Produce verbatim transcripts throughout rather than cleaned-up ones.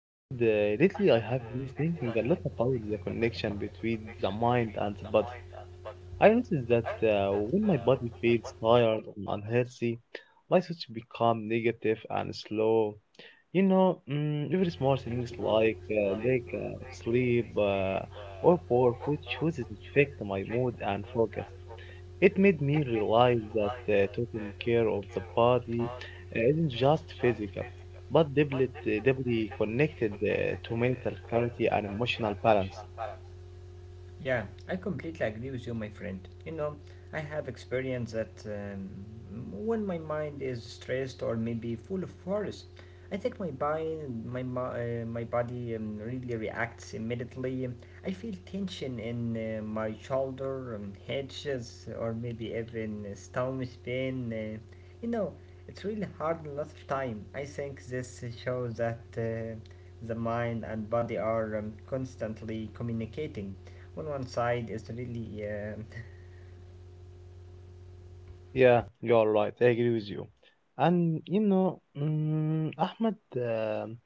Ahmed, uh, lately I have been thinking a lot about the connection between the mind and the body. I noticed that uh, when my body feels tired and unhealthy, my thoughts become negative and slow. You know, mm, even small things like uh, lack of sleep uh, or poor food choices affect my mood and focus. It made me realize that uh, taking care of the body uh, isn't just physical, but deeply, uh, deeply connected uh, to mental clarity and emotional balance. Yeah, I completely agree with you, my friend. You know, I have experienced that um, when my mind is stressed or maybe full of worries, I think my body, my, my, uh, my body um, really reacts immediately. I feel tension in uh, my shoulder, um, hedges, or maybe even stomach pain. Uh, You know, it's really hard a lot of time. I think this shows that uh, the mind and body are um, constantly communicating. On one side it's really, uh, Yeah, you're right. I agree with you. And you know, mm, Ahmed, um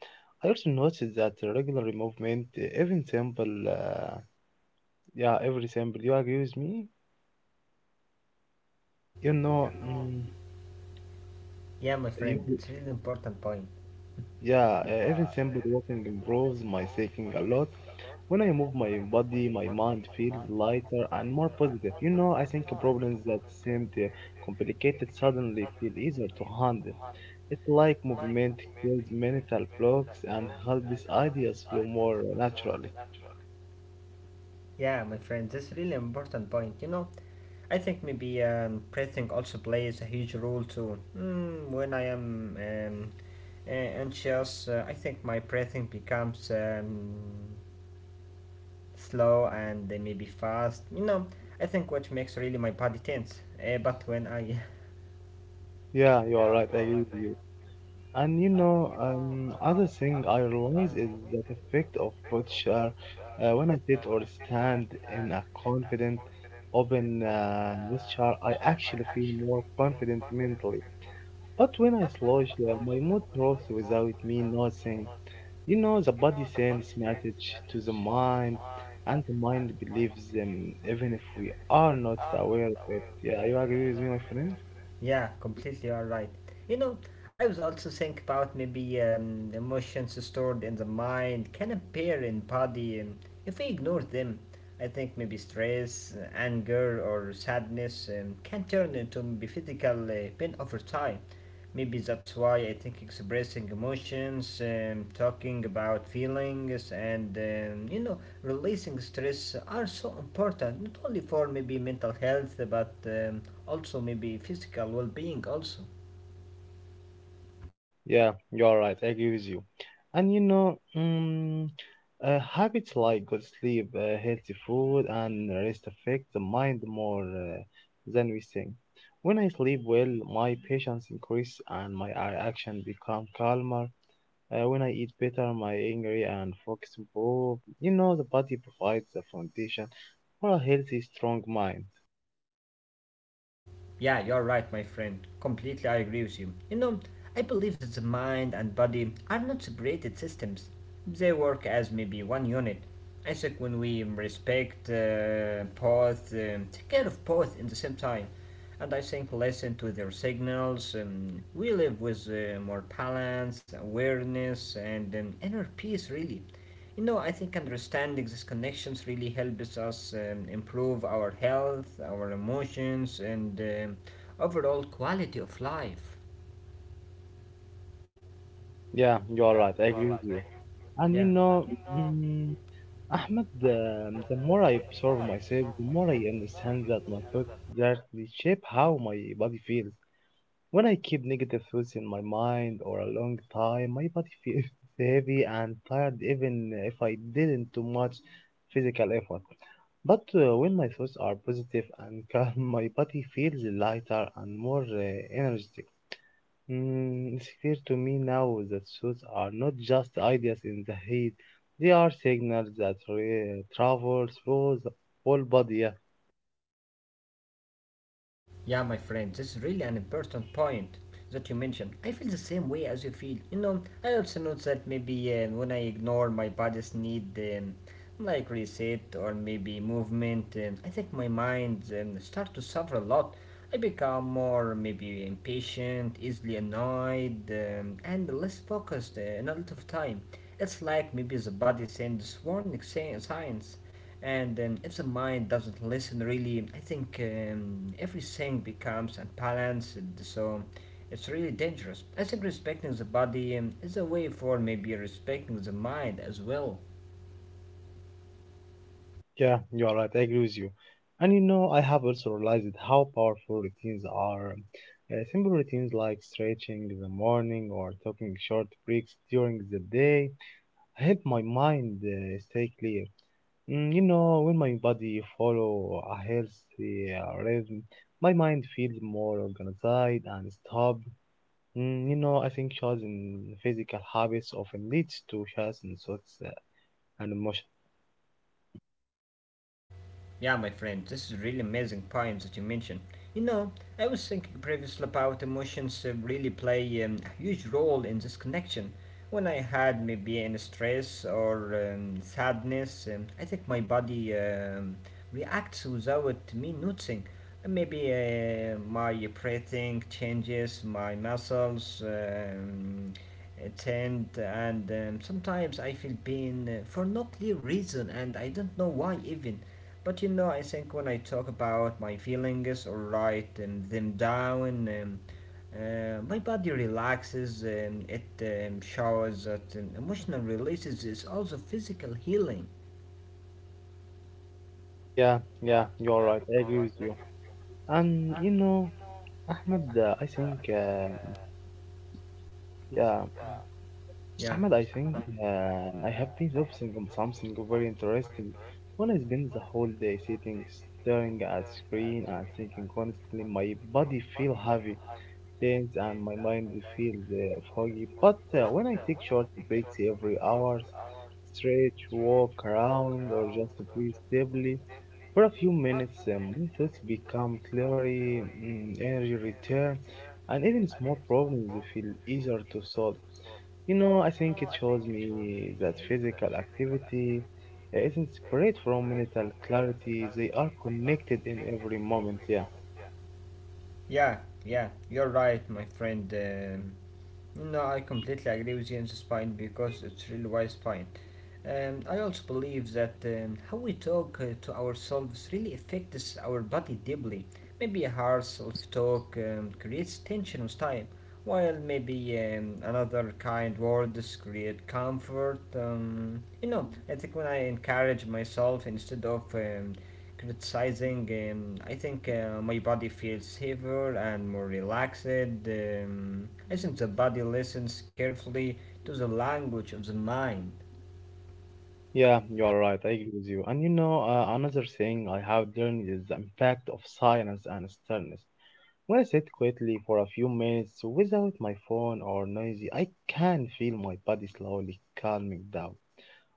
I also noticed that the regular movement, uh, even simple, uh, yeah, every simple. You agree with me? You know, mm, Yeah, my you friend, it's really important point. yeah, uh, every simple walking improves my thinking a lot. When I move my body, my mind feels lighter and more positive. You know, I think problems that seemed uh, complicated suddenly feel easier to handle. It's like movement kills mental blocks and helps ideas flow more naturally. Yeah, my friend, this really important point. You know, I think maybe um, breathing also plays a huge role too. Mm, when I am um, uh, anxious, uh, I think my breathing becomes. Um, slow and they may be fast. You know, I think what makes really my body tense. Uh, but when I, Yeah, you are right. I agree with you. And you know, um, other thing I realize is the effect of posture. Uh, when I sit or stand in a confident, open uh, posture, I actually feel more confident mentally. But when I slouch, uh, my mood drops without me noticing. You know, the body sends message to the mind, and the mind believes them even if we are not aware of it. Yeah, you agree with me, my friend? Yeah, completely all right. You know, I was also think about maybe um, emotions stored in the mind can appear in body um, if we ignore them. I think maybe stress, uh, anger, or sadness um, can turn into maybe physical uh, pain over time. Maybe that's why I think expressing emotions, um, talking about feelings, and um, you know, releasing stress are so important not only for maybe mental health but um, also maybe physical well-being also. Yeah, you're right. I agree with you. And you know, um, uh, habits like good sleep, uh, healthy food, and rest affect the mind more uh, than we think. When I sleep well, my patience increase and my a- action become calmer. Uh, when I eat better, my angry and focus improve. You know, the body provides the foundation for a healthy, strong mind. Yeah, you're right, my friend. Completely, I agree with you. You know, I believe that the mind and body are not separated systems. They work as maybe one unit. I think when we respect uh, both, um, take care of both in the same time, and I think listen to their signals, um, we live with uh, more balance, awareness, and um, inner peace, really. You know, I think understanding these connections really helps us um, improve our health, our emotions, and um, overall quality of life. Yeah, you're right. I agree with you. And you Yeah. know, mm, Ahmed, um, the more I observe myself, the more I understand that my thoughts directly shape how my body feels. When I keep negative thoughts in my mind or a long time, my body feels heavy and tired even if I didn't do much physical effort. But uh, when my thoughts are positive and calm, my body feels lighter and more uh, energetic. Mm, it's clear to me now that suits are not just ideas in the head, they are signals that re- travel through the whole body. Yeah, Yeah, my friend, this is really an important point that you mentioned. I feel the same way as you feel. You know, I also notice that maybe uh, when I ignore my body's need, um, like reset or maybe movement, um, I think my mind um, start to suffer a lot. I become more maybe impatient, easily annoyed, um, and less focused uh, in a lot of time. It's like maybe the body sends warning si-, signs and um, if the mind doesn't listen, really, I think um, everything becomes unbalanced. So it's really dangerous. I think respecting the body um, is a way for maybe respecting the mind as well. yeah, you are right, I agree with you. And you know, I have also realized how powerful routines are. Uh, simple routines like stretching in the morning or taking short breaks during the day help my mind uh, stay clear. Mm, you know, when my body follow a healthy uh, rhythm, my mind feels more organized and stable. Mm, you know, I think choosing physical habits often leads to choosing thoughts uh, and emotion. Yeah, my friend, this is really amazing points that you mentioned. You know, I was thinking previously about emotions uh, really play um, a huge role in this connection. When I had maybe any stress or um, sadness, um, I think my body um, reacts without me noticing. Uh, Maybe uh, my breathing changes, my muscles um, uh, tend, and um, sometimes I feel pain uh, for no clear reason, and I don't know why even. But you know, I think when I talk about my feelings all right, and them down, um, uh, my body relaxes, and it um, shows that um, emotional releases is also physical healing. Yeah, yeah, you're right. I agree with you. And you know, Ahmed, uh, I think, uh, yeah. Yeah, Ahmad, I think uh, I have been observing something very interesting. When I spend the whole day sitting, staring at screen and thinking constantly, my body feel heavy things and my mind feels uh, foggy. But uh, when I take short breaks every hour, stretch, walk around, or just breathe stably for a few minutes, um, my thoughts become clearer, mm, energy return, and even small problems feel easier to solve. You know, I think it shows me that physical activity uh, isn't separate from mental clarity. They are connected in every moment. Yeah. yeah, yeah, you're right, my friend. Um, No, I completely agree with Jens' point because it's really wise point. Um, I also believe that um, how we talk uh, to ourselves really affects our body deeply. Maybe a hard self-talk um, creates tension with time, while maybe um, another kind words create comfort. Um, you know, I think when I encourage myself instead of um, criticizing. Um, I think uh, my body feels safer and more relaxed. Um, I think the body listens carefully to the language of the mind. Yeah, you are right. I agree with you. And you know, uh, another thing I have learned is the impact of silence and stillness. When I sit quietly for a few minutes without my phone or noisy, I can feel my body slowly calming down.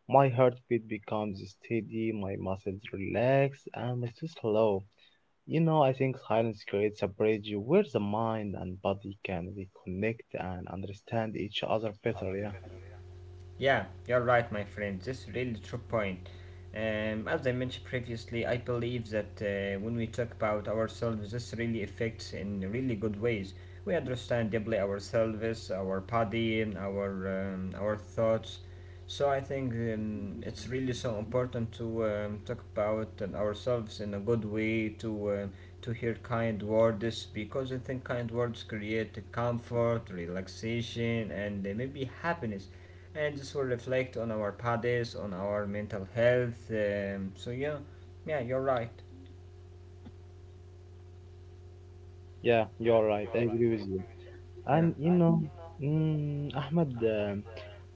My heartbeat becomes steady, my muscles relax, and my stress slow. You know, I think silence creates a bridge where the mind and body can reconnect and understand each other better. Yeah, Yeah, you're right, my friend. This is really true point. Um, as I mentioned previously, I believe that uh, when we talk about ourselves, this really affects in really good ways. We understand deeply ourselves, our body, and our um, our thoughts. So I think um, it's really so important to um, talk about and ourselves in a good way to um to hear kind words because I think kind words create comfort, relaxation, and uh, maybe happiness and this will reflect on our bodies, on our mental health. Um, so yeah, yeah, you're right. yeah, you are right. I agree with you. And Yeah. you know, mm, Ahmed, uh,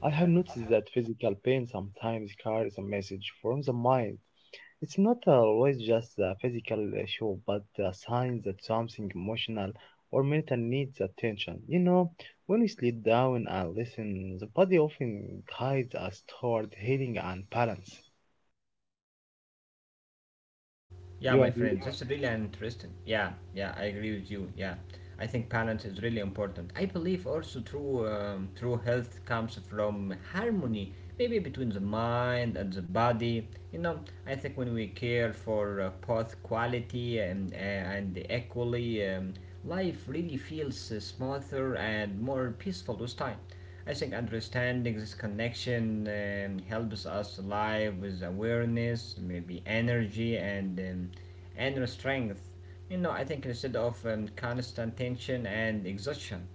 I have noticed that physical pain sometimes carries a message from the mind. It's not always just a physical issue, but a sign that something emotional or mental needs attention. You know, when we sleep down and listen, the body often guides us toward healing and balance. Yeah, You my agree? friends, it's really interesting. Yeah, yeah, I agree with you. Yeah, I think balance is really important. I believe also true um, true health comes from harmony, maybe between the mind and the body. You know, I think when we care for uh, both quality and uh, and equally, um, life really feels uh, smoother and more peaceful with time. I think understanding this connection um, helps us live with awareness, maybe energy, and um, and strength. You know, I think instead of um, constant tension and exhaustion.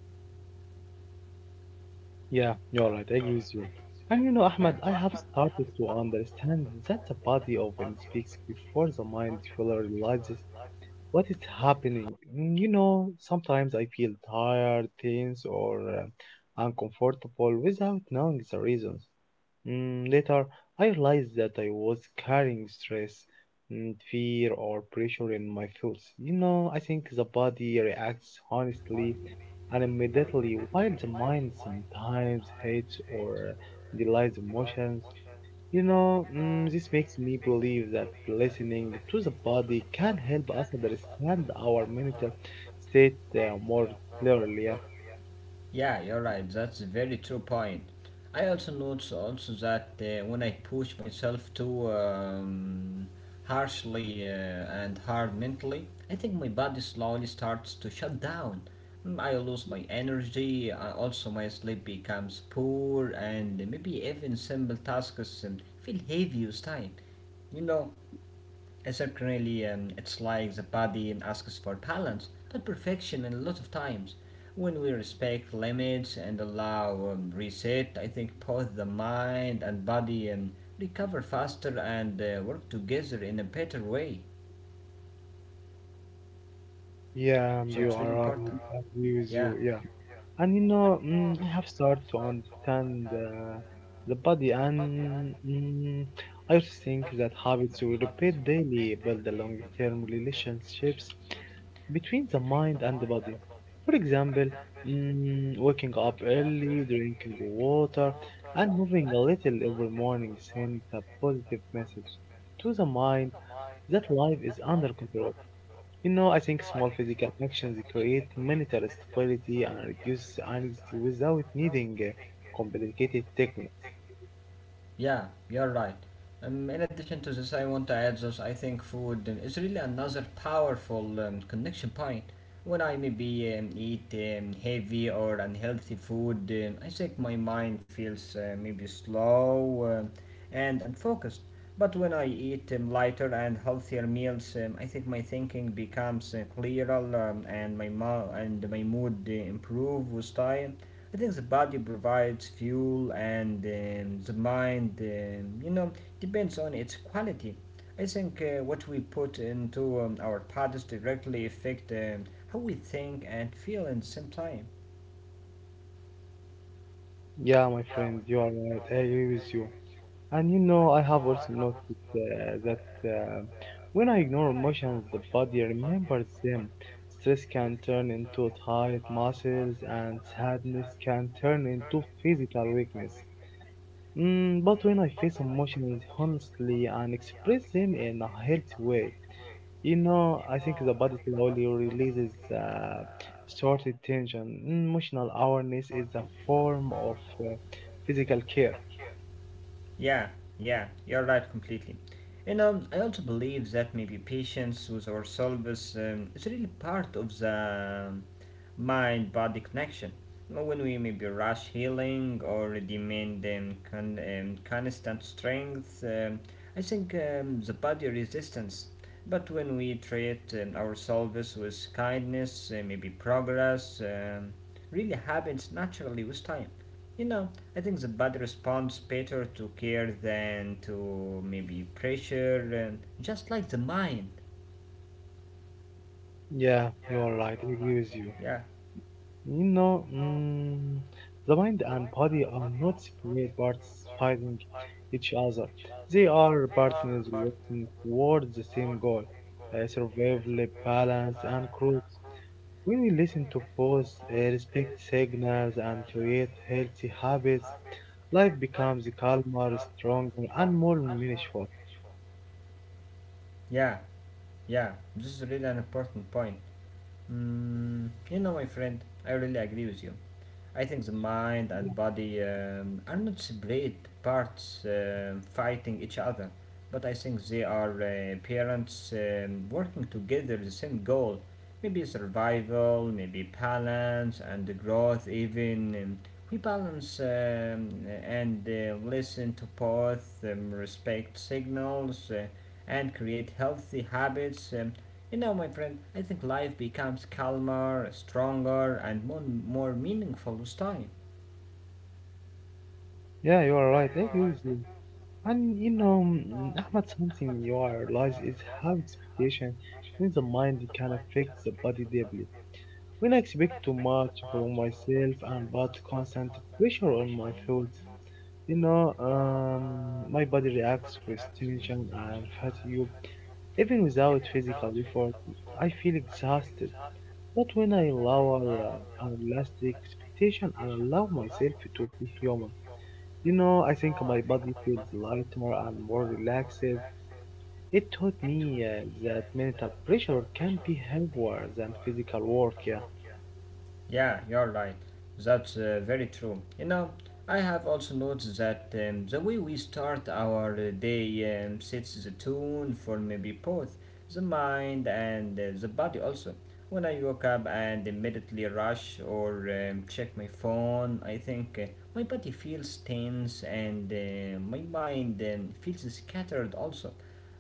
Yeah, you're right. I agree with you. And you know, Ahmad, I have started to understand that the body often speaks before the mind fully realizes what is happening. Mm, You know, sometimes I feel tired, tense, or uh, uncomfortable without knowing the reasons. Mm, later, I realized that I was carrying stress, mm, fear, or pressure in my thoughts. You know, I think the body reacts honestly and immediately, while the mind sometimes hates or delays emotions. You know, mm, this makes me believe that listening to the body can help us understand our mental state uh, more clearly. Yeah, you're right. That's a very true point. I also notice also that uh, when I push myself too um, harshly uh, and hard mentally, I think my body slowly starts to shut down. Mm, I lose my energy. I also, my sleep becomes poor, and maybe even simple tasks um, feel heavy with time. You know, And certainly, um, it's like the body asks for balance, not perfection, and a lot of times. When we respect limits and allow um, reset, I think both the mind and body um, recover faster and uh, work together in a better way. Yeah, you are right. I agree with you. Yeah. Yeah. And you know, mm, I have started to understand uh, the body, and mm, I also think that habits we repeat daily build the long term relationships between the mind and the body. For example, mm, waking up early, drinking water, and moving a little every morning sends a positive message to the mind that life is under control. You know, I think small physical actions create mental stability and reduce anxiety without needing uh, complicated techniques. Yeah, you're right. Um, in addition to this, I want to add this. I think food um, is really another powerful um, connection point. When I maybe um, eat um, heavy or unhealthy food, um, I think my mind feels uh, maybe slow um, and unfocused. But when I eat um, lighter and healthier meals, um, I think my thinking becomes uh, clearer um, and my mo- and my mood uh, improve with time. I think the body provides fuel and um, the mind, um, you know, depends on its quality. I think uh, what we put into um, our bodies directly affect um, how we think and feel at the same time. Yeah, my friend, you are right. I agree with you. And you know, I have also noticed uh, that uh, when I ignore emotions, the body remembers them. Stress can turn into tight muscles, and sadness can turn into physical weakness. Mm, but when I face emotions honestly and express them in a healthy way, you know, I think the body slowly releases uh, sorted tension. Emotional awareness is a form of uh, physical care. Yeah, yeah, you're right completely. And um, I also believe that maybe patience with ourselves um, is really part of the mind body connection. You know, When we maybe rush healing or demand um, con- um, constant strength, um, I think um, the body resistance. But when we treat um, ourselves with kindness, uh, maybe progress um, really happens naturally with time. You know, I think the body responds better to care than to maybe pressure, and just like the mind. Yeah, you're right. I agree with you. Yeah, You know, mm, the mind and body are not separate parts fighting each other. They are partners working towards the same goal, uh, survival, balance, and growth. When we listen to both, uh, respect signals, and create healthy habits, life becomes calmer, stronger, and more meaningful. yeah, yeah. This is really an important point. Mm, you know, my friend, I really agree with you. I think the mind and body um, are not separate parts um, fighting each other, but I think they are uh, parents um, working together the same goal. Maybe survival, maybe balance and growth. Even um, we balance um, and uh, listen to both, um, respect signals, uh, and create healthy habits. Um, you know, my friend, I think life becomes calmer, stronger, and more, more meaningful with time. Yeah, you are right. I agree with you. And you know, mm, Ahmad, something in your realize is how expectation in the mind can affect the body deeply. When I expect too much from myself and put constant pressure on my thoughts, you know, um, my body reacts with tension and fatigue. Even without physical effort, I feel exhausted. But when I lower uh, our last expectation and allow myself to be human, you know, I think my body feels lighter and more relaxed. It taught me uh, that mental pressure can be heavier than physical work. Yeah, Yeah, you're right. That's uh, very true. You know, I have also noticed that um, the way we start our uh, day um, sets the tone for maybe both the mind and uh, the body also. When I woke up and immediately rush or um, check my phone, I think uh, my body feels tense and uh, my mind um, feels scattered also.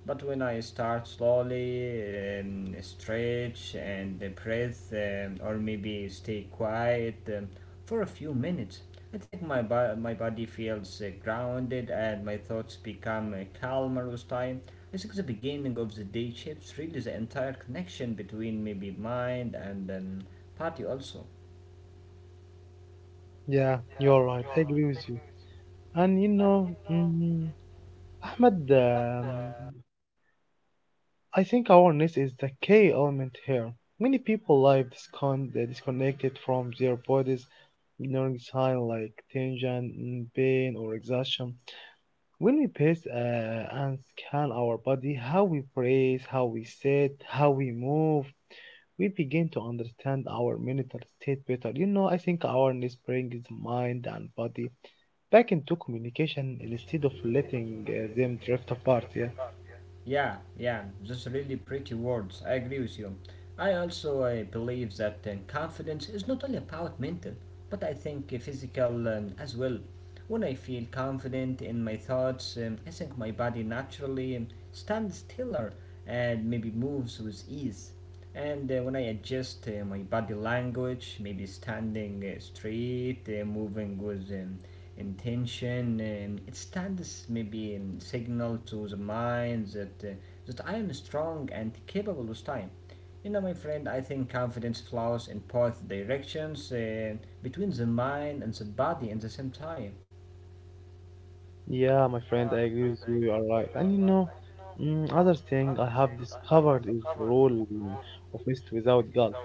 But when I start slowly, um, stretch and uh, breathe, um, or maybe stay quiet um, for a few minutes, I think my, bo- my body feels uh, grounded and my thoughts become uh, calmer with time. I think the beginning of the day shapes really the entire connection between maybe mind and um, body also. yeah, you're right. I agree with you. And you know, mm, Ahmed, um, I think awareness is the key element here. Many people live discon- uh, disconnected from their bodies, ignoring signs like tension, mm, pain, or exhaustion. When we pace uh, and scan our body, how we breathe, how we sit, how we move, we begin to understand our mental state better. You know, I think awareness brings the mind and body back into communication instead of letting uh, them drift apart. Yeah. Yeah, yeah, just really pretty words. I agree with you. I also uh, believe that uh, confidence is not only about mental, but I think uh, physical um, as well. When I feel confident in my thoughts, um, I think my body naturally um, stands stiller and maybe moves with ease. And uh, when I adjust uh, my body language, maybe standing uh, straight, uh, moving with um, intention. Um, it stands maybe in signal to the mind that uh, that I am strong and capable with time. You know, my friend, I think confidence flows in both directions uh, between the mind and the body at the same time. Yeah, my friend, I agree with you. You are right. And you know, mm, other thing I have discovered is the role of rest without guilt.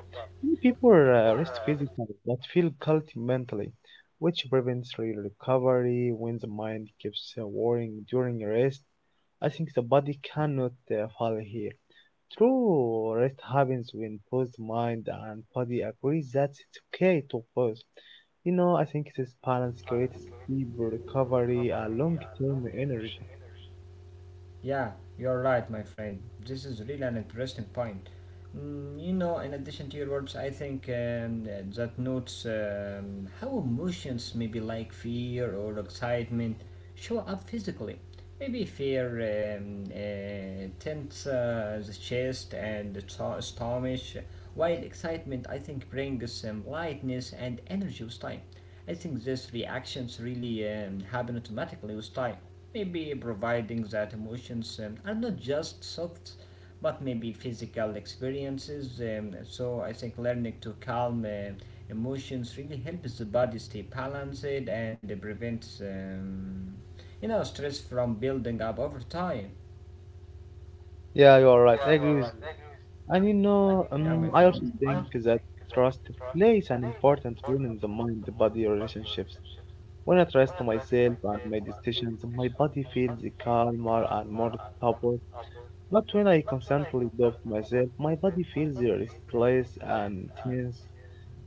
Many people uh, rest physically but feel guilty mentally, which prevents real recovery when the mind keeps uh, worrying during rest. I think the body cannot uh, follow here. True rest happens when both mind and body agrees that it's okay to pause. You know, I think this balance creates deeper recovery and long-term energy. Yeah, you're right, my friend. This is really an interesting point. Mm, you know, in addition to your words, I think um, that notes um, how emotions, maybe like fear or excitement, show up physically. Maybe fear um, uh, tense uh, the chest and the to- stomach, while excitement, I think, brings some lightness and energy with time. I think these reactions really um, happen automatically with time. Maybe providing that emotions um, are not just thoughts, but maybe physical experiences. Um, so I think learning to calm uh, emotions really helps the body stay balanced and prevents um, you know stress from building up over time. Yeah, you are right. I agree with you. And you know, um, I also think that trust plays an important role in the mind-body relationships. When I trust myself and my decisions, my body feels calmer and more stable. But when I constantly doubt myself, my body feels restless and tense.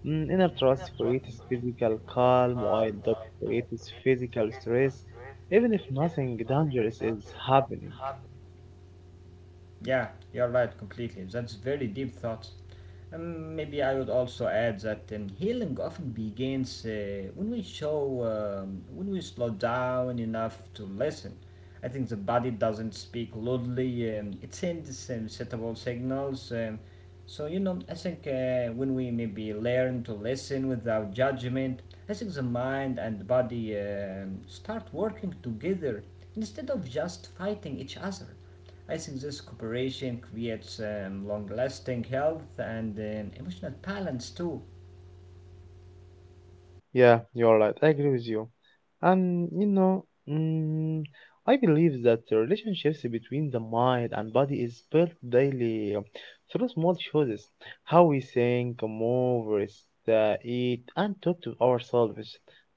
Mm, Inner trust creates physical calm, while doubt creates physical stress, even if nothing dangerous is happening. Yeah, you're right completely. That's very deep thought. Um, maybe I would also add that um, healing often begins uh, when we show, um, when we slow down enough to listen. I think the body doesn't speak loudly. Um, it sends um, suitable signals. Um, so, you know, I think uh, when we maybe learn to listen without judgment, I think the mind and the body um, start working together instead of just fighting each other. I think this cooperation creates um, long lasting health and um, emotional balance too. Yeah, you're right. I agree with you. And you know, mm, I believe that the relationships between the mind and body is built daily through small choices. How we think, move, rest, uh, eat, and talk to ourselves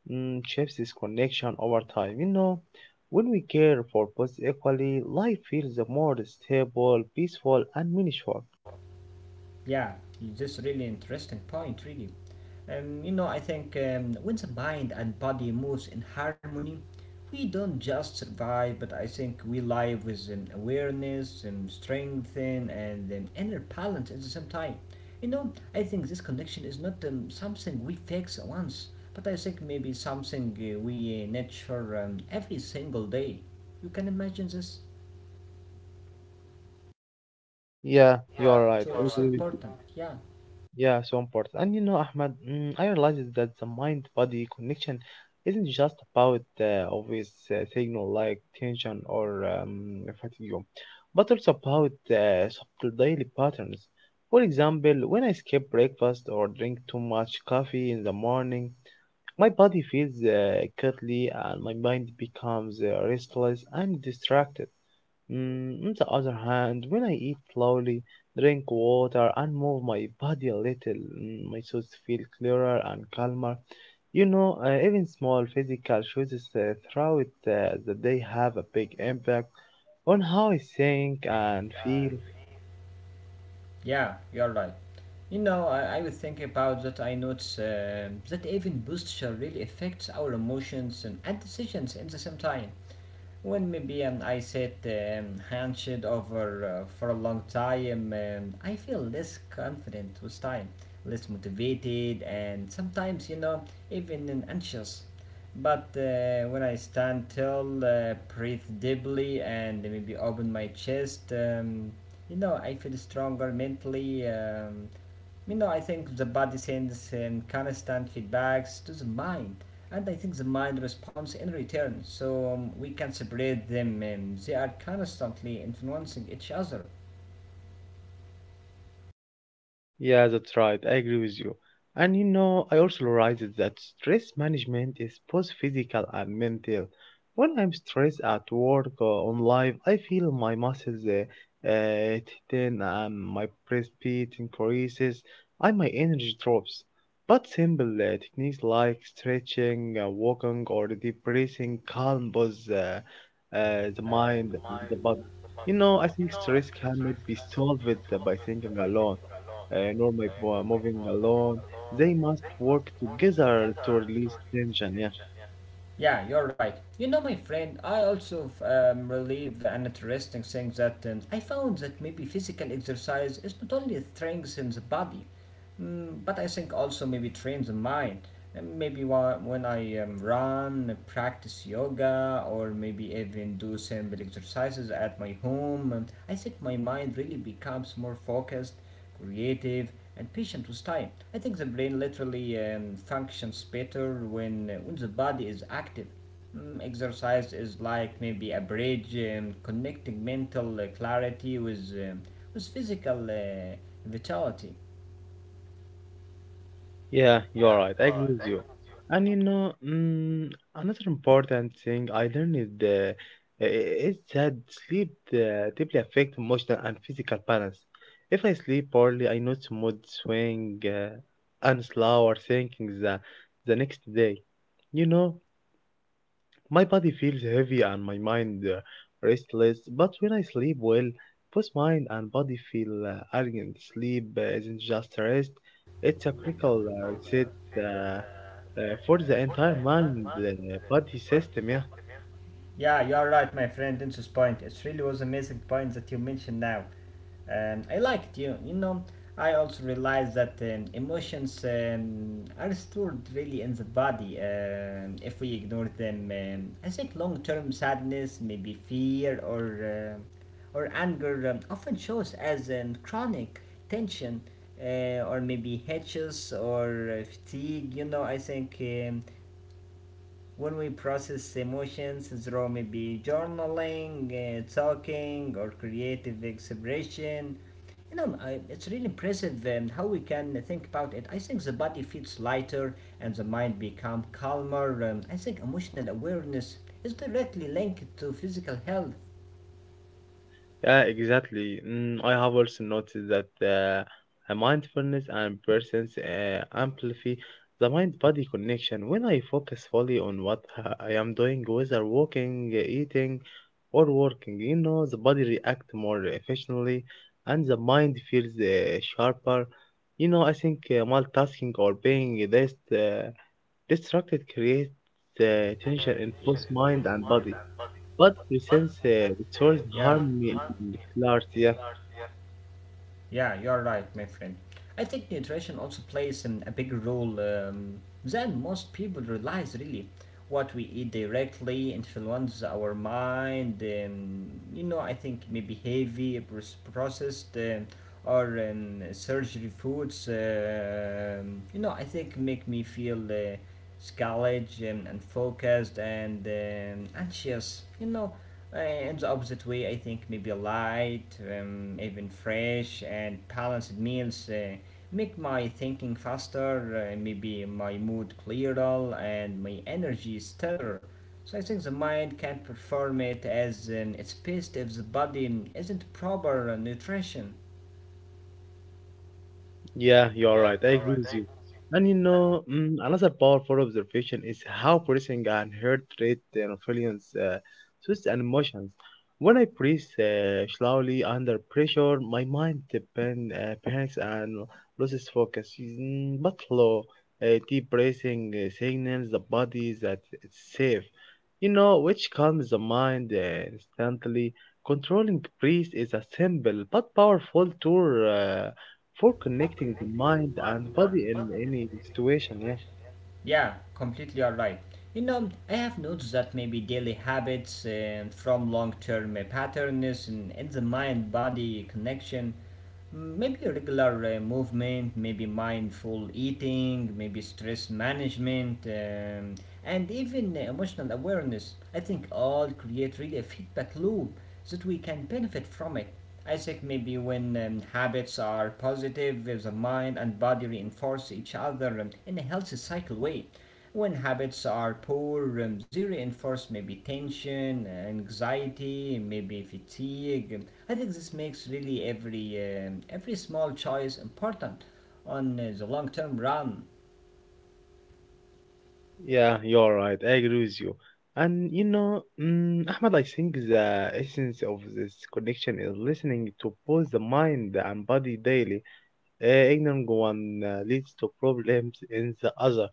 mm, shapes this connection over time. You know, when we care for both equally, life feels more stable, peaceful, and meaningful. Yeah, this really interesting point, really. Um, you know, I think um, when the mind and body moves in harmony, we don't just survive, but I think we live with an awareness and strength and an inner balance at the same time. You know, I think this connection is not um, something we fix once, but I think maybe something uh, we nurture um, every single day. You can imagine this? Yeah, you are So right. I agree with. important, yeah. Yeah, so important. And you know, Ahmad, mm, I realized that the mind-body connection isn't just about uh, obvious uh, signal like tension or um, fatigue, but also about uh, subtle daily patterns. For example, when I skip breakfast or drink too much coffee in the morning, my body feels uh, cuddly and my mind becomes uh, restless and distracted. Mm, on the other hand, when I eat slowly, drink water, and move my body a little, mm, my thoughts feel clearer and calmer. You know, uh, even small physical choices uh, throughout uh, the day have a big impact on how I think and feel. Yeah, you're right. You know, I, I was thinking about that. I noticed um that even posture really affects our emotions and, and decisions at the same time. When maybe um, I sit um, hunched over uh, for a long time, um, I feel less confident with time, less motivated, and sometimes, you know, even um, anxious. But uh, when I stand tall, uh, breathe deeply, and maybe open my chest, um, you know, I feel stronger mentally. Um, you know, I think the body sends um, constant feedbacks to the mind, and I think the mind responds in return. So um, we can separate them. Um, they are constantly influencing each other. Yeah, that's right. I agree with you. And you know, I also realized that stress management is both physical and mental. When I'm stressed at work or on life, I feel my muscles uh, uh, tighten and my breathing increases and my energy drops. But simple uh, techniques like stretching, uh, walking, or deep breathing calm both uh, uh, the mind and the body. You know, I think stress cannot be solved with, uh, by thinking alone uh, normally bo- moving alone. They must work together to release tension. Yeah, Yeah, you're right. You know, my friend, I also um, relieve an interesting thing that um, I found that maybe physical exercise is not only strengthens the body, mm, but I think also maybe trains the mind. And maybe wha- when I um, run, practice yoga, or maybe even do simple exercises at my home, um, I think my mind really becomes more focused creative, and patient with time. I think the brain literally um, functions better when, uh, when the body is active. Mm, exercise is like maybe a bridge um, connecting mental uh, clarity with, um, with physical uh, vitality. yeah, you're right. I agree with you. And you know, mm, another important thing I learned is, the, uh, is that sleep uh, deeply affects emotional and physical balance. If I sleep poorly, I notice mood swing uh, and slower thinking the, the next day. You know, my body feels heavy and my mind uh, restless, but when I sleep well, both mind and body feel uh, aligned. Sleep uh, isn't just rest, it's a critical uh, reset uh, uh, for the entire mind uh, body system. Yeah, Yeah, you are right, my friend. Inch's point. It really was amazing point that you mentioned now. Um, I liked you. You know, I also realized that um, emotions um, are stored really in the body um, if we ignore them. Um, I think long-term sadness, maybe fear or um or anger, um, often shows as um, chronic tension uh, or maybe hitches or uh, fatigue. You know, I think. Um, When we process emotions through maybe journaling, uh, talking, or creative expression. You know, I, it's really impressive um, how we can think about it. I think the body feels lighter and the mind becomes calmer. Um, I think emotional awareness is directly linked to physical health. yeah, exactly. Mm, I have also noticed that uh, a mindfulness and presence uh, amplify the mind body connection. When I focus fully on what uh, I am doing, whether walking, eating, or working, you know, the body reacts more efficiently and the mind feels uh, sharper. You know, I think uh, multitasking or being this uh, distracted creates uh, tension in both mind and body. But presents uh, restores Yeah. harmony and clarity. Yeah. Yeah, you're right, my friend. I think nutrition also plays um, a bigger role um, than most people realize, really. What we eat directly influences our mind, um, you know, I think maybe heavy, pros- processed, um, or um, surgery foods, um you know, I think make me feel. Uh, s- college and, and focused and um, anxious. You know, uh, in the opposite way, I think maybe light, um, even fresh and balanced meals uh, make my thinking faster, uh, maybe my mood clearer and my energy steadier. So I think the mind can perform it as um, its best if the body isn't proper nutrition. Yeah, you're right. I agree with you. And you know, mm, another powerful observation is how breathing and heart rate and feelings, uh, thoughts and emotions. When I breathe uh, slowly under pressure, my mind depend, uh, panics and loses focus. Mm, but low, uh, deep breathing uh, signals the body that it's safe, you know, which calms the mind uh, instantly. Controlling breath is a simple but powerful tool uh, for connecting the mind and body in any situation. Yeah. Yeah, completely all right. You know, I have noticed that maybe daily habits uh, from long term uh, patterns in, in the mind body connection, mm, maybe regular uh, movement, maybe mindful eating, maybe stress management, um, and even uh, emotional awareness. I think all create really a feedback loop so that we can benefit from it. I think maybe when um, habits are positive, uh, the mind and body reinforce each other um, in a healthy cycle way. When habits are poor, um, they reinforce maybe tension, uh, anxiety, maybe fatigue. Um, I think this makes really every um, every small choice important on uh, the long term run. Yeah, you're right. I agree with you. And you know, mm, Ahmad, I think the essence of this connection is listening to both the mind and body daily. Uh, ignoring one uh, leads to problems in the other.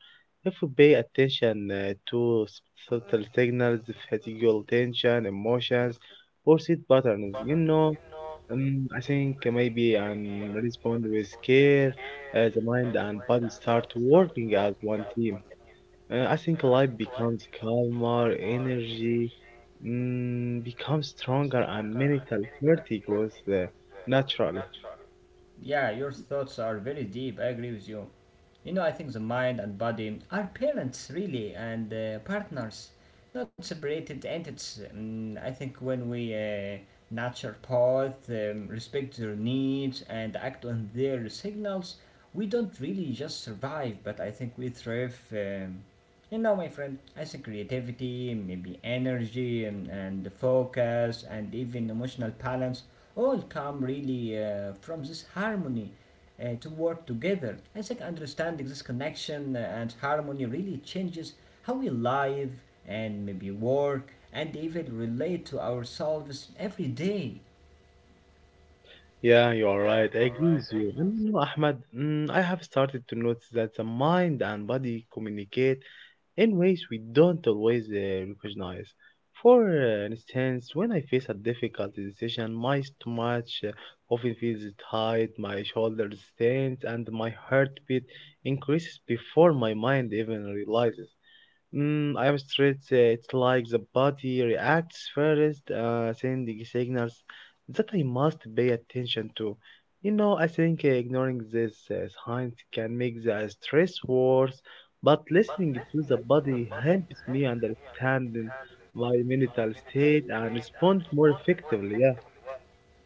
If we pay attention uh, to subtle signals, physical tension, emotions, or sleep patterns, you know, Um, I think maybe I'm respond with care. Uh, the mind and body start working as one team. Uh, I think life becomes calmer, energy mm, becomes stronger, and mental clarity grows uh, naturally. Yeah, your thoughts are very deep. I agree with you. You know, I think the mind and body are parents really and uh, partners, not separated entities. Mm, I think when we uh, nurture both, um, respect their needs, and act on their signals, we don't really just survive, but I think we thrive. Um, you know, my friend, I think creativity, maybe energy, and, and focus, and even emotional balance all come really uh, from this harmony uh, to work together. I think understanding this connection uh, and harmony really changes how we live and maybe work and even relate to ourselves every day. Yeah, you are right. I agree with you. And you know, Ahmed, mm, I have started to notice that the mind and body communicate in ways we don't always uh, recognize. For uh, instance, when I face a difficult decision, my stomach uh, often feels tight, my shoulders tense, and my heartbeat increases before my mind even realizes. Mm, I'm straight. uh, It's like the body reacts first, uh, sending signals that I must pay attention to. You know, I think uh, ignoring these uh, signs can make the stress worse, but listening to the body helps me understand my mental state and respond more effectively. Yeah.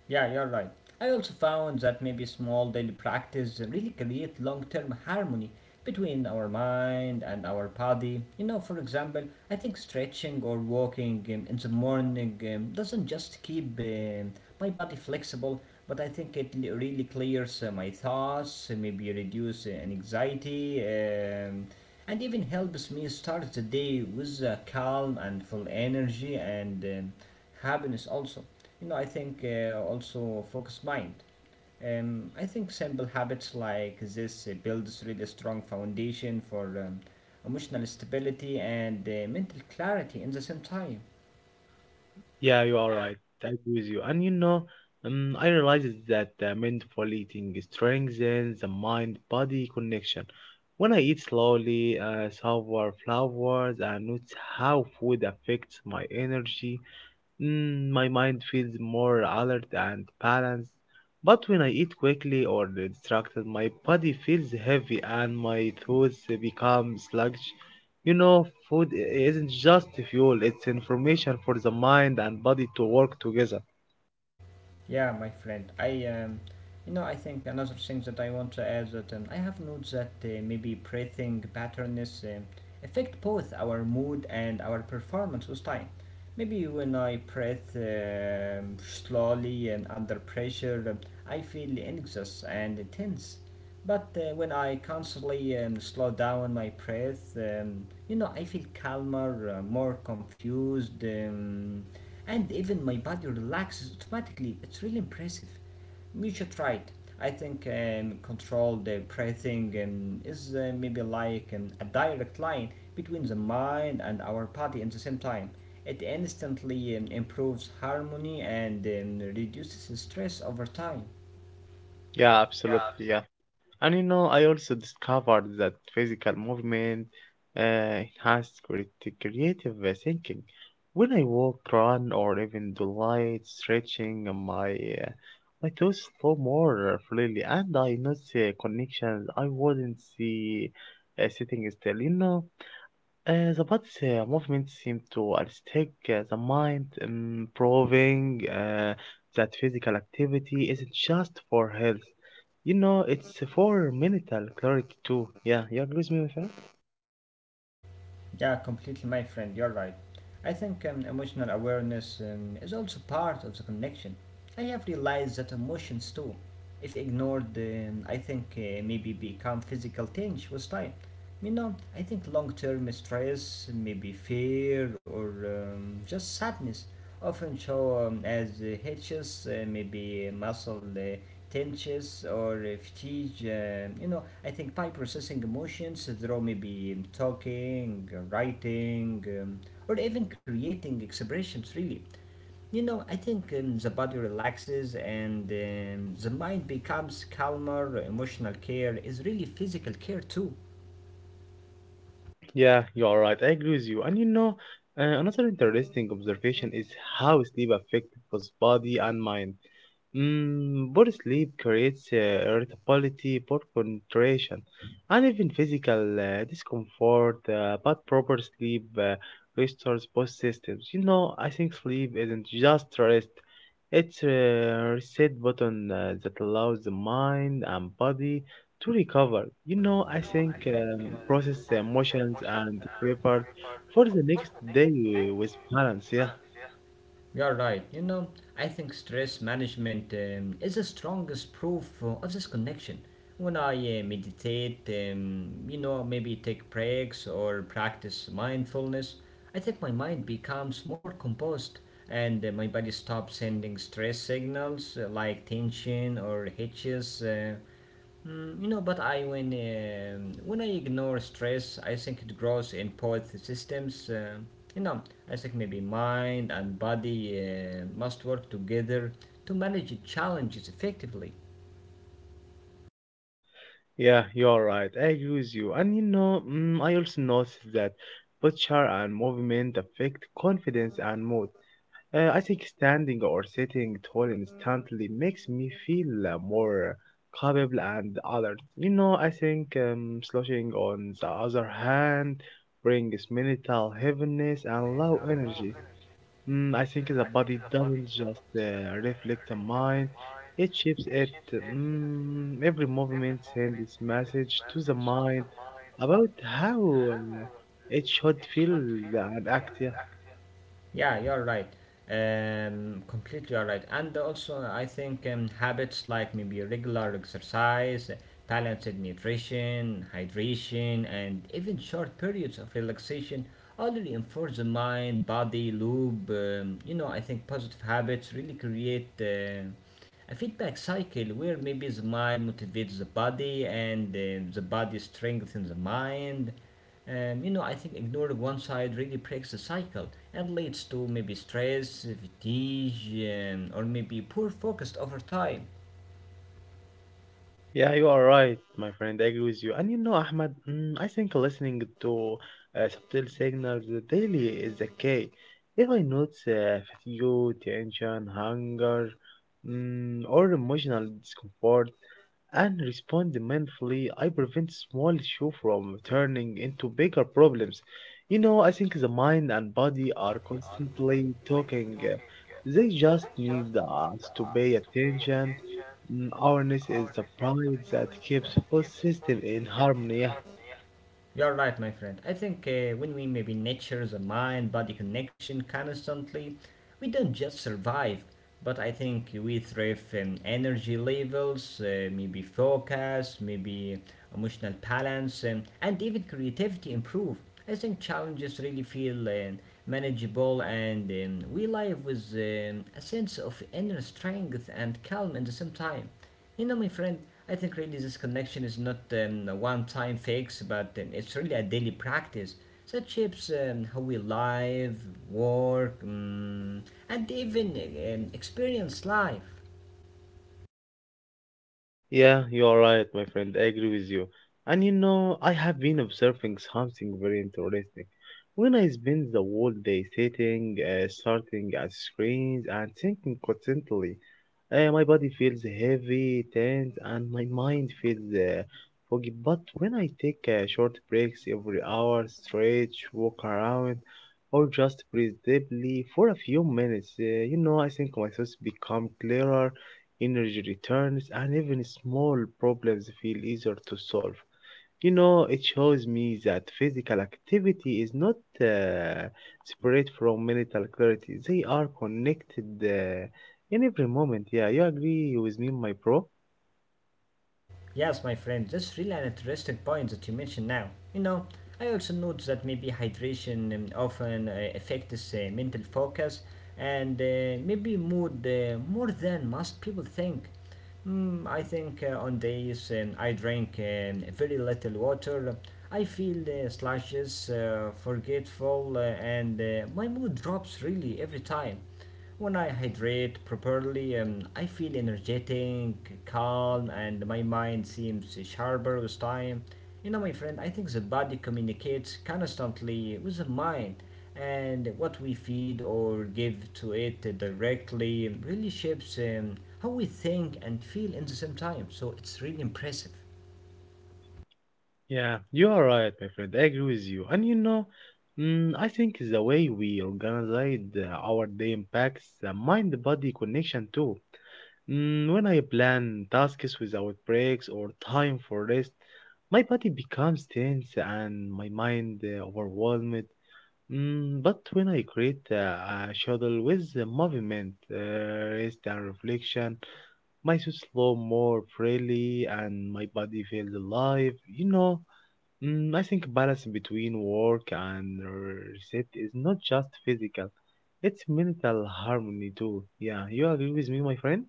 Yeah, you're right. I also found that maybe small daily practice really create long-term harmony between our mind and our body. You know, for example, I think stretching or walking um, in the morning um, doesn't just keep um, my body flexible, but I think it l- really clears uh, my thoughts, uh, maybe reduce uh, an anxiety, um, and even helps me start the day with uh, calm and full energy and um, happiness also. You know, I think uh, also focused mind. Um, I think simple habits like this uh, builds really strong foundation for um, emotional stability and uh, mental clarity in the same time. Yeah, you are right. I agree with you. And you know, um, I realized that uh, mindful eating strengthens the mind-body connection. When I eat slowly, uh, savor flowers, I notice how food affects my energy. Mm, my mind feels more alert and balanced, but when I eat quickly or distracted, my body feels heavy and my thoughts become sluggish. You know, food i- isn't just fuel, it's information for the mind and body to work together. Yeah, my friend. I, um, you know, I think another thing that I want to add that um, I have notes that uh, maybe breathing patterns um, affect both our mood and our performance with time. Maybe when I breathe um, slowly and under pressure, um, I feel anxious and tense. But uh, when I constantly um, slow down my breath, um, you know, I feel calmer, uh, more confused, um, and even my body relaxes automatically. It's really impressive. You should try it. I think um, controlled uh, breathing um, is uh, maybe like um, a direct line between the mind and our body at the same time. It instantly um, improves harmony and um, reduces stress over time. Yeah, absolutely. Yeah. And you know, I also discovered that physical movement uh, enhanced creati- creative uh, thinking. When I walk, run, or even do light stretching, uh, my uh, my thoughts flow more uh, freely, and I notice uh, connections I wouldn't see uh, sitting still. You know, uh, the body's uh, movement seemed to unstick uh, the mind, um, proving uh, that physical activity isn't just for health. You know, it's for mental clarity too. Yeah, you agree with me with that? Yeah, completely, my friend, you're right. I think um, emotional awareness um, is also part of the connection. I have realized that emotions, too, if ignored, um, I think uh, maybe become physical tinge with time. You know, I think long term stress, maybe fear or um, just sadness, often show um, as uh, hitches, uh, maybe muscle uh, tensions or uh, fatigue. Um you know, I think by processing emotions through maybe um, talking, uh, writing, um, or even creating expressions, really. You know, I think um, the body relaxes and um, the mind becomes calmer. Emotional care is really physical care too. Yeah, you are right. I agree with you. And you know, uh, another interesting observation is how sleep affects both body and mind. Mm, poor sleep creates uh, irritability, poor concentration, and even physical uh, discomfort. Uh, but proper sleep uh, restores both systems. You know, I think sleep isn't just rest; it's a reset button uh, that allows the mind and body to recover. You know, I think um, process the emotions and prepare for the next day with balance. Yeah. You're right. You know, I think stress management um, is the strongest proof uh, of this connection. When I uh, meditate, um, you know, maybe take breaks or practice mindfulness, I think my mind becomes more composed and uh, my body stops sending stress signals uh, like tension or hitches. Uh, Mm, you know, but I when um, when I ignore stress, I think it grows in both systems. Uh, you know, I think maybe mind and body uh, must work together to manage challenges effectively. Yeah, you're right. I agree with you. And you know, mm, I also noticed that posture and movement affect confidence and mood. Uh, I think standing or sitting tall instantly makes me feel uh, more capable and alert. You know, I think um, slouching on the other hand brings mental heaviness and low energy. Mm, I think the body doesn't just uh, reflect the mind, it shapes it. Mm, every movement sends this message to the mind about how uh, it should feel and act. Yeah. Yeah, you're right. Um, completely you're right. And also, I think um, habits like maybe regular exercise, balanced nutrition, hydration, and even short periods of relaxation all reinforce the mind body loop. Um, you know, I think positive habits really create uh, a feedback cycle where maybe the mind motivates the body and uh, the body strengthens the mind um, you know, I think ignoring one side really breaks the cycle and leads to maybe stress, fatigue, um, or maybe poor focus over time. Yeah, you are right, my friend. I agree with you. And you know, Ahmed, mm, I think listening to uh, subtle signals daily is the key. If I notice uh, fatigue, tension, hunger, mm, or emotional discomfort, and respond mindfully, I prevent small issues from turning into bigger problems. You know, I think the mind and body are constantly talking. They just need us to pay attention. Mm, awareness is the pride that keeps both systems in harmony. You're right, my friend. I think uh, when we maybe nurture the mind body connection constantly, we don't just survive, but I think we thrive in energy levels, uh, maybe focus, maybe emotional balance, um, and even creativity improve. I think challenges really feel um, manageable, and um, we live with um, a sense of inner strength and calm at the same time. You know, my friend, I think really this connection is not um, a one time fix, but um, it's really a daily practice that shapes um, how we live, work, um, and even um, experience life. Yeah, you are right, my friend. I agree with you. And you know, I have been observing something very interesting. When I spend the whole day sitting, uh, starting at screens, and thinking constantly, uh, my body feels heavy, tense, and my mind feels uh, foggy. But when I take uh, short breaks every hour, stretch, walk around, or just breathe deeply for a few minutes, uh, you know, I think my thoughts become clearer, energy returns, and even small problems feel easier to solve. You know, it shows me that physical activity is not uh, separate from mental clarity. They are connected uh, in every moment. Yeah, you agree with me, my bro? Yes, my friend, that's really an interesting point that you mentioned now. You know, I also note that maybe hydration um, often uh, affects uh, mental focus and uh, maybe mood uh, more than most people think. Mm, I think uh, on days um, I drink um, very little water, I feel uh, sluggish, uh, forgetful, uh, and uh, my mood drops really every time. When I hydrate properly, um, I feel energetic, calm, and my mind seems sharper with time. You know, my friend, I think the body communicates constantly with the mind, and what we feed or give to it directly really shapes um, how we think and feel in the same time. So it's really impressive. Yeah, you are right, my friend. I agree with you. And you know, mm, I think the way we organize uh, our day impacts the mind body connection too. Mm, when I plan tasks without breaks or time for rest, my body becomes tense and my mind uh, overwhelmed. Mm, but when I create uh, a schedule with the movement, uh, rest, and reflection, my thoughts flow more freely and my body feels alive. You know, mm, I think balance between work and reset is not just physical, it's mental harmony too. Yeah, you agree with me, my friend?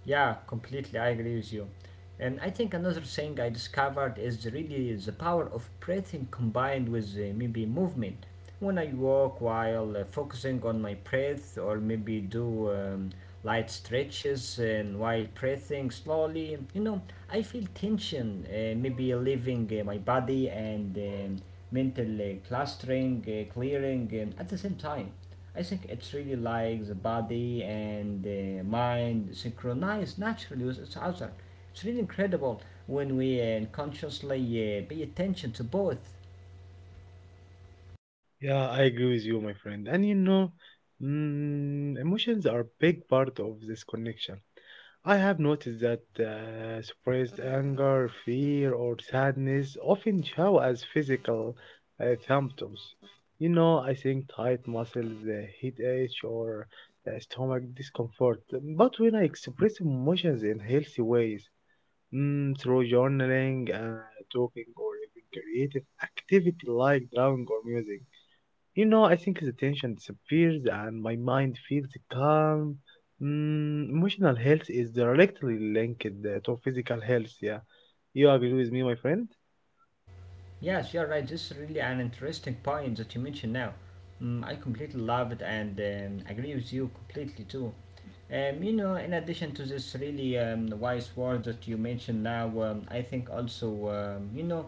Yeah, completely. I agree with you. And I think another thing I discovered is really the power of breathing combined with uh, maybe movement. When I walk while uh, focusing on my breath, or maybe do um, light stretches, and while breathing slowly, you know, I feel tension, uh, maybe leaving uh, my body and um, mental uh, clustering, uh, clearing um, at the same time. I think it's really like the body and the mind synchronize naturally with each other. It's really incredible when we uh, consciously uh, pay attention to both. Yeah, I agree with you, my friend. And you know, mm, emotions are a big part of this connection. I have noticed that uh, suppressed anger, fear, or sadness often show as physical uh, symptoms. You know, I think tight muscles, uh, headache, or uh, stomach discomfort. But when I express emotions in healthy ways, mm, through journaling, uh, talking, or even creative activity like drawing or music, you know, I think the tension disappears and my mind feels calm. Mm, emotional health is directly linked uh, to physical health. Yeah, you agree with me, my friend? Yes, you're right. This is really an interesting point that you mentioned now. Mm, I completely love it and um, agree with you completely too. Um, you know, in addition to this really um, wise words that you mentioned now, um, I think also, um, you know,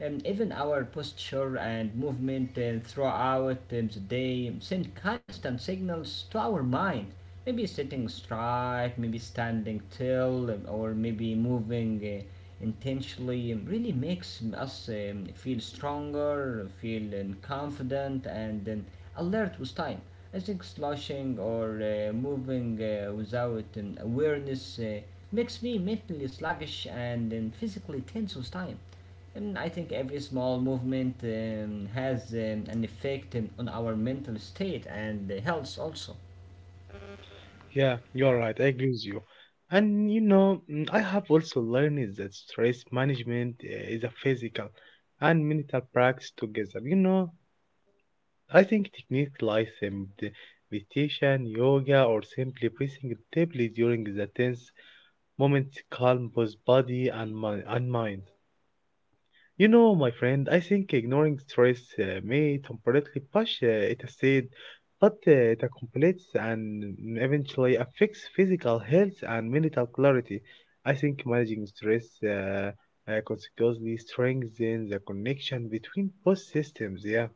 um, even our posture and movement uh, throughout um, the day send constant signals to our mind. Maybe sitting straight, maybe standing still, um, or maybe moving uh, intentionally um, really makes us um, feel stronger, feel um, confident, and um, alert with time. I think slouching or uh, moving uh, without an awareness uh, makes me mentally sluggish and then physically tense with time. And I think every small movement um, has um, an effect um, on our mental state and uh, health also. Yeah, you're right. I agree with you. And you know, mm, I have also learned that stress management uh, is a physical and mental practice together. You know, I think techniques like um, the meditation, yoga, or simply breathing deeply during the tense moments calm both body and, mi- and mind. You know, my friend, I think ignoring stress uh, may temporarily push uh, it aside, but uh, it accumulates and eventually affects physical health and mental clarity. I think managing stress uh, uh, consequently strengthens the connection between both systems. Yeah.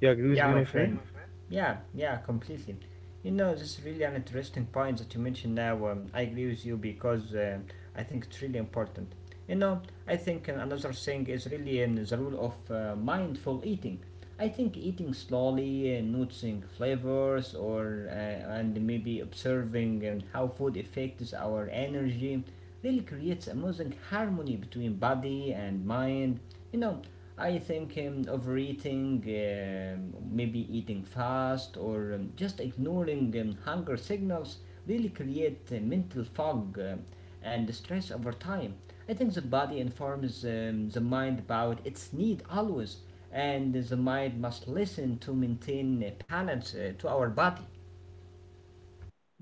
You agree Yeah, with me, my my friend. friend? Yeah, yeah, completely. You know, this is really an interesting point that you mentioned now. Um, I agree with you because uh, I think it's really important. You know, I think uh, another thing is really um, the rule of uh, mindful eating. I think eating slowly, uh, noticing flavors, or uh, and maybe observing um, how food affects our energy really creates amazing harmony between body and mind. You know, I think um, overeating, um maybe eating fast, or um, just ignoring um, hunger signals really create uh, mental fog um, and stress over time. I think the body informs um, the mind about its need always, and the mind must listen to maintain uh, balance uh, to our body.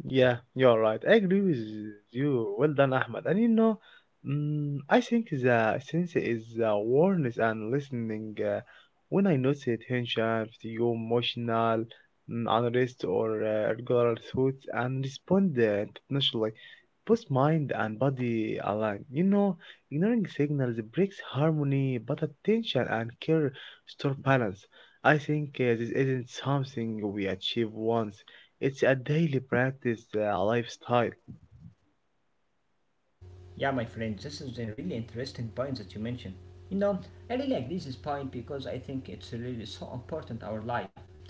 Yeah, you're right. I agree with you. Well done, Ahmed. And you know, mm, I think the sense is awareness and listening. Uh, when I notice tension, feel emotional, mm, unrest, or uh, regular thoughts, and respond uh, internationally, both mind and body align. You know, ignoring signals breaks harmony, but attention and care store balance. I think uh, this isn't something we achieve once. It's a daily practice, uh, a lifestyle. Yeah, my friend, this is a really interesting point that you mentioned. You know, I really like this point because I think it's really so important our life.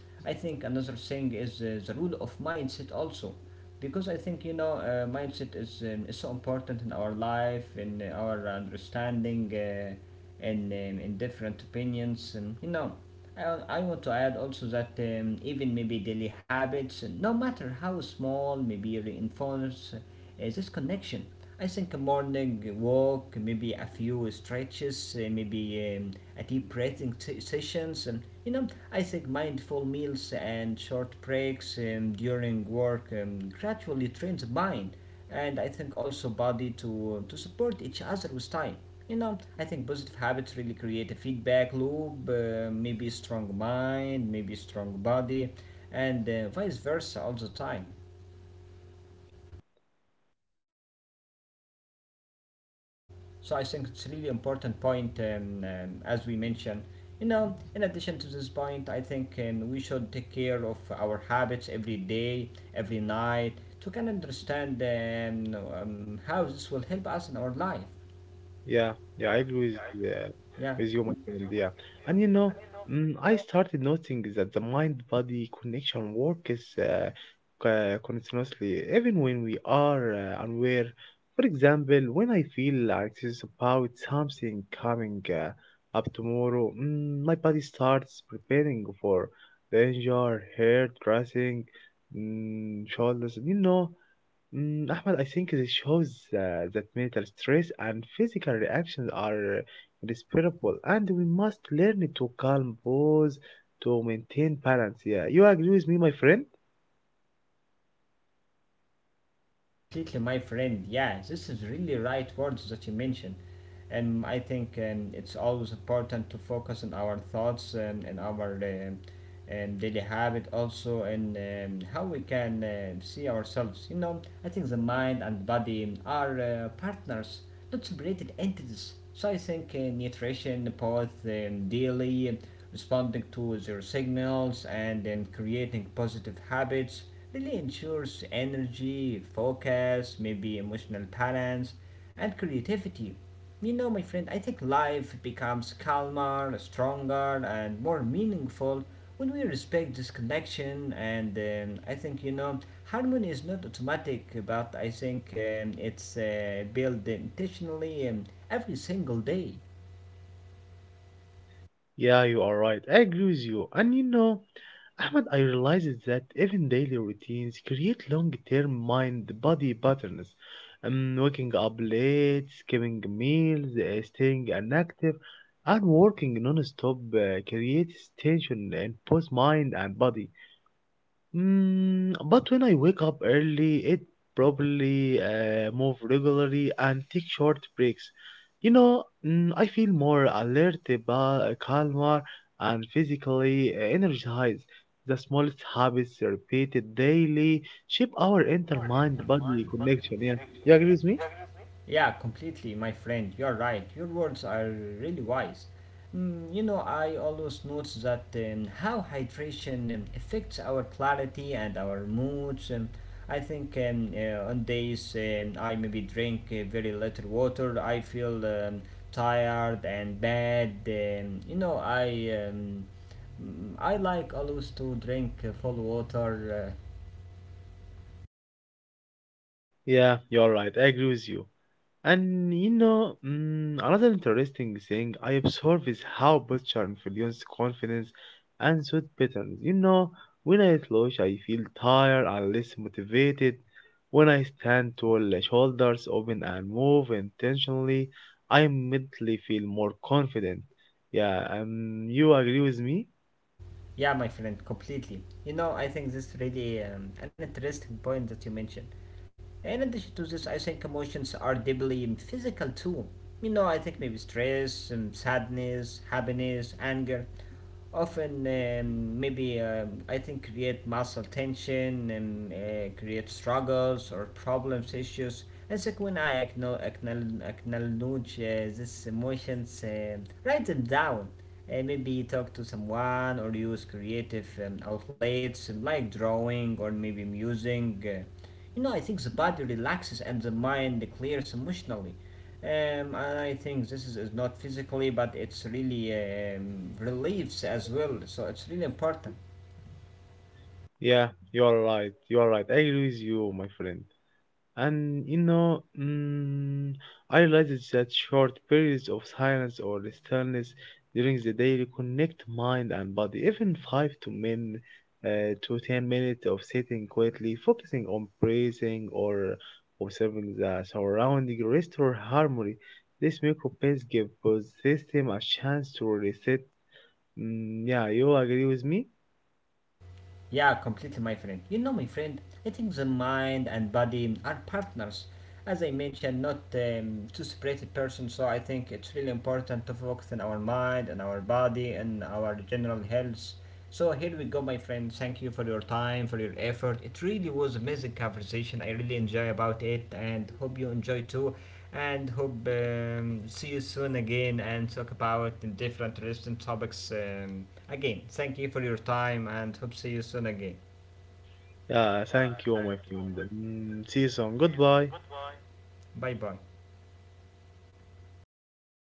I think another thing is uh, the rule of mindset also, because I think you know uh, mindset is um, is so important in our life, in our understanding, uh, and um, in different opinions, and you know. I, I want to add also that um, even maybe daily habits, no matter how small, maybe reinforce uh, this connection. I think a morning walk, maybe a few stretches, uh, maybe um, a deep breathing se- sessions, and you know, I think mindful meals and short breaks um, during work um, gradually trains the mind, and I think also body to to support each other with time. You know, I think positive habits really create a feedback loop, uh, maybe a strong mind, maybe a strong body, and uh, vice versa all the time. So I think it's really important point um, um, as we mentioned. You know, in addition to this point, I think um, we should take care of our habits every day, every night, to can understand um, um, how this will help us in our life. Yeah, yeah, I agree with, uh, Yeah. with you, my friend. Yeah, and you know, mm, I started noting that the mind-body connection works uh, co- continuously, even when we are uh, unaware. For example, when I feel anxious about something coming uh, up tomorrow, mm, my body starts preparing for danger, hair dressing, mm, shoulders. You know, Mm, Ahmed, I think this shows uh, that mental stress and physical reactions are inseparable, and we must learn to calm pause to maintain balance. Yeah, you agree with me, my friend? Completely, my friend. Yeah, this is really right words that you mentioned. And I think um, it's always important to focus on our thoughts and, and our um, um, daily habit also and um, how we can uh, see ourselves. You know, I think the mind and body are uh, partners, not separated entities. So I think uh, nutrition, both um, daily, responding to their signals, and um, creating positive habits really ensures energy, focus, maybe emotional balance, and creativity. You know, my friend, I think life becomes calmer, stronger, and more meaningful when we respect this connection, and um, I think you know, harmony is not automatic, but I think um, it's uh, built intentionally um, every single day. Yeah, you are right. I agree with you. And you know, Ahmad, I realized that even daily routines create long-term mind-body patterns. Um, waking up late, skipping meals, uh, staying inactive, and working non-stop uh, creates tension in both mind and body. Mm, but when I wake up early, it probably uh, move regularly and take short breaks. You know, mm, I feel more alert, ba- calmer, and physically eh, energized. The smallest habits repeated daily shape our inner mind-body connection. Yeah, you agree with me? Yeah, completely, my friend. You're right. Your words are really wise. Mm, you know, I always notice that um, how hydration um, affects our clarity and our moods. Um, I think um, uh, on days um, I maybe drink uh, very little water, I feel um, tired and bad. Um, you know, I. Um, Mm, I like always to drink uh, full water. uh, Yeah, you're right. I agree with you. And you know, mm, another interesting thing I observe is how butcher influence confidence and suit patterns. You know, when I slouch, I feel tired and less motivated. When I stand tall, the shoulders open and move intentionally, I immediately feel more confident. Yeah, um, you agree with me? Yeah, my friend, completely. You know, I think this is really um, an interesting point that you mentioned. In addition to this, I think emotions are deeply physical too. You know, I think maybe stress, um, sadness, happiness, anger, often um, maybe um, I think create muscle tension and uh, create struggles or problems, issues. And so when I acknowledge, acknowledge uh, these emotions, um write them down uh, maybe talk to someone or use creative um, outlets um, like drawing or maybe musing. Uh, you know, I think the body relaxes and the mind clears emotionally. Um, I think this is, is not physically, but it's really um, relieves as well. So it's really important. Yeah, you are right. You are right. I agree with you, my friend. And you know, mm, I realized that short periods of silence or stillness during the day reconnect mind and body. Even five to min uh, to ten minutes of sitting quietly, focusing on breathing or observing the surrounding restore harmony. This micro pace give both system a chance to reset. Mm, yeah, you agree with me? Yeah, completely, my friend. You know, my friend, I think the mind and body are partners. As I mentioned, not um, two separated persons, so I think it's really important to focus on our mind and our body and our general health. So here we go, my friend. Thank you for your time, for your effort. It really was amazing conversation. I really enjoy about it and hope you enjoy too and hope um, see you soon again and talk about different interesting topics um, again. Thank you for your time and hope see you soon again. Yeah, thank you, my friend. Mm, see you soon. Goodbye. Bye bye.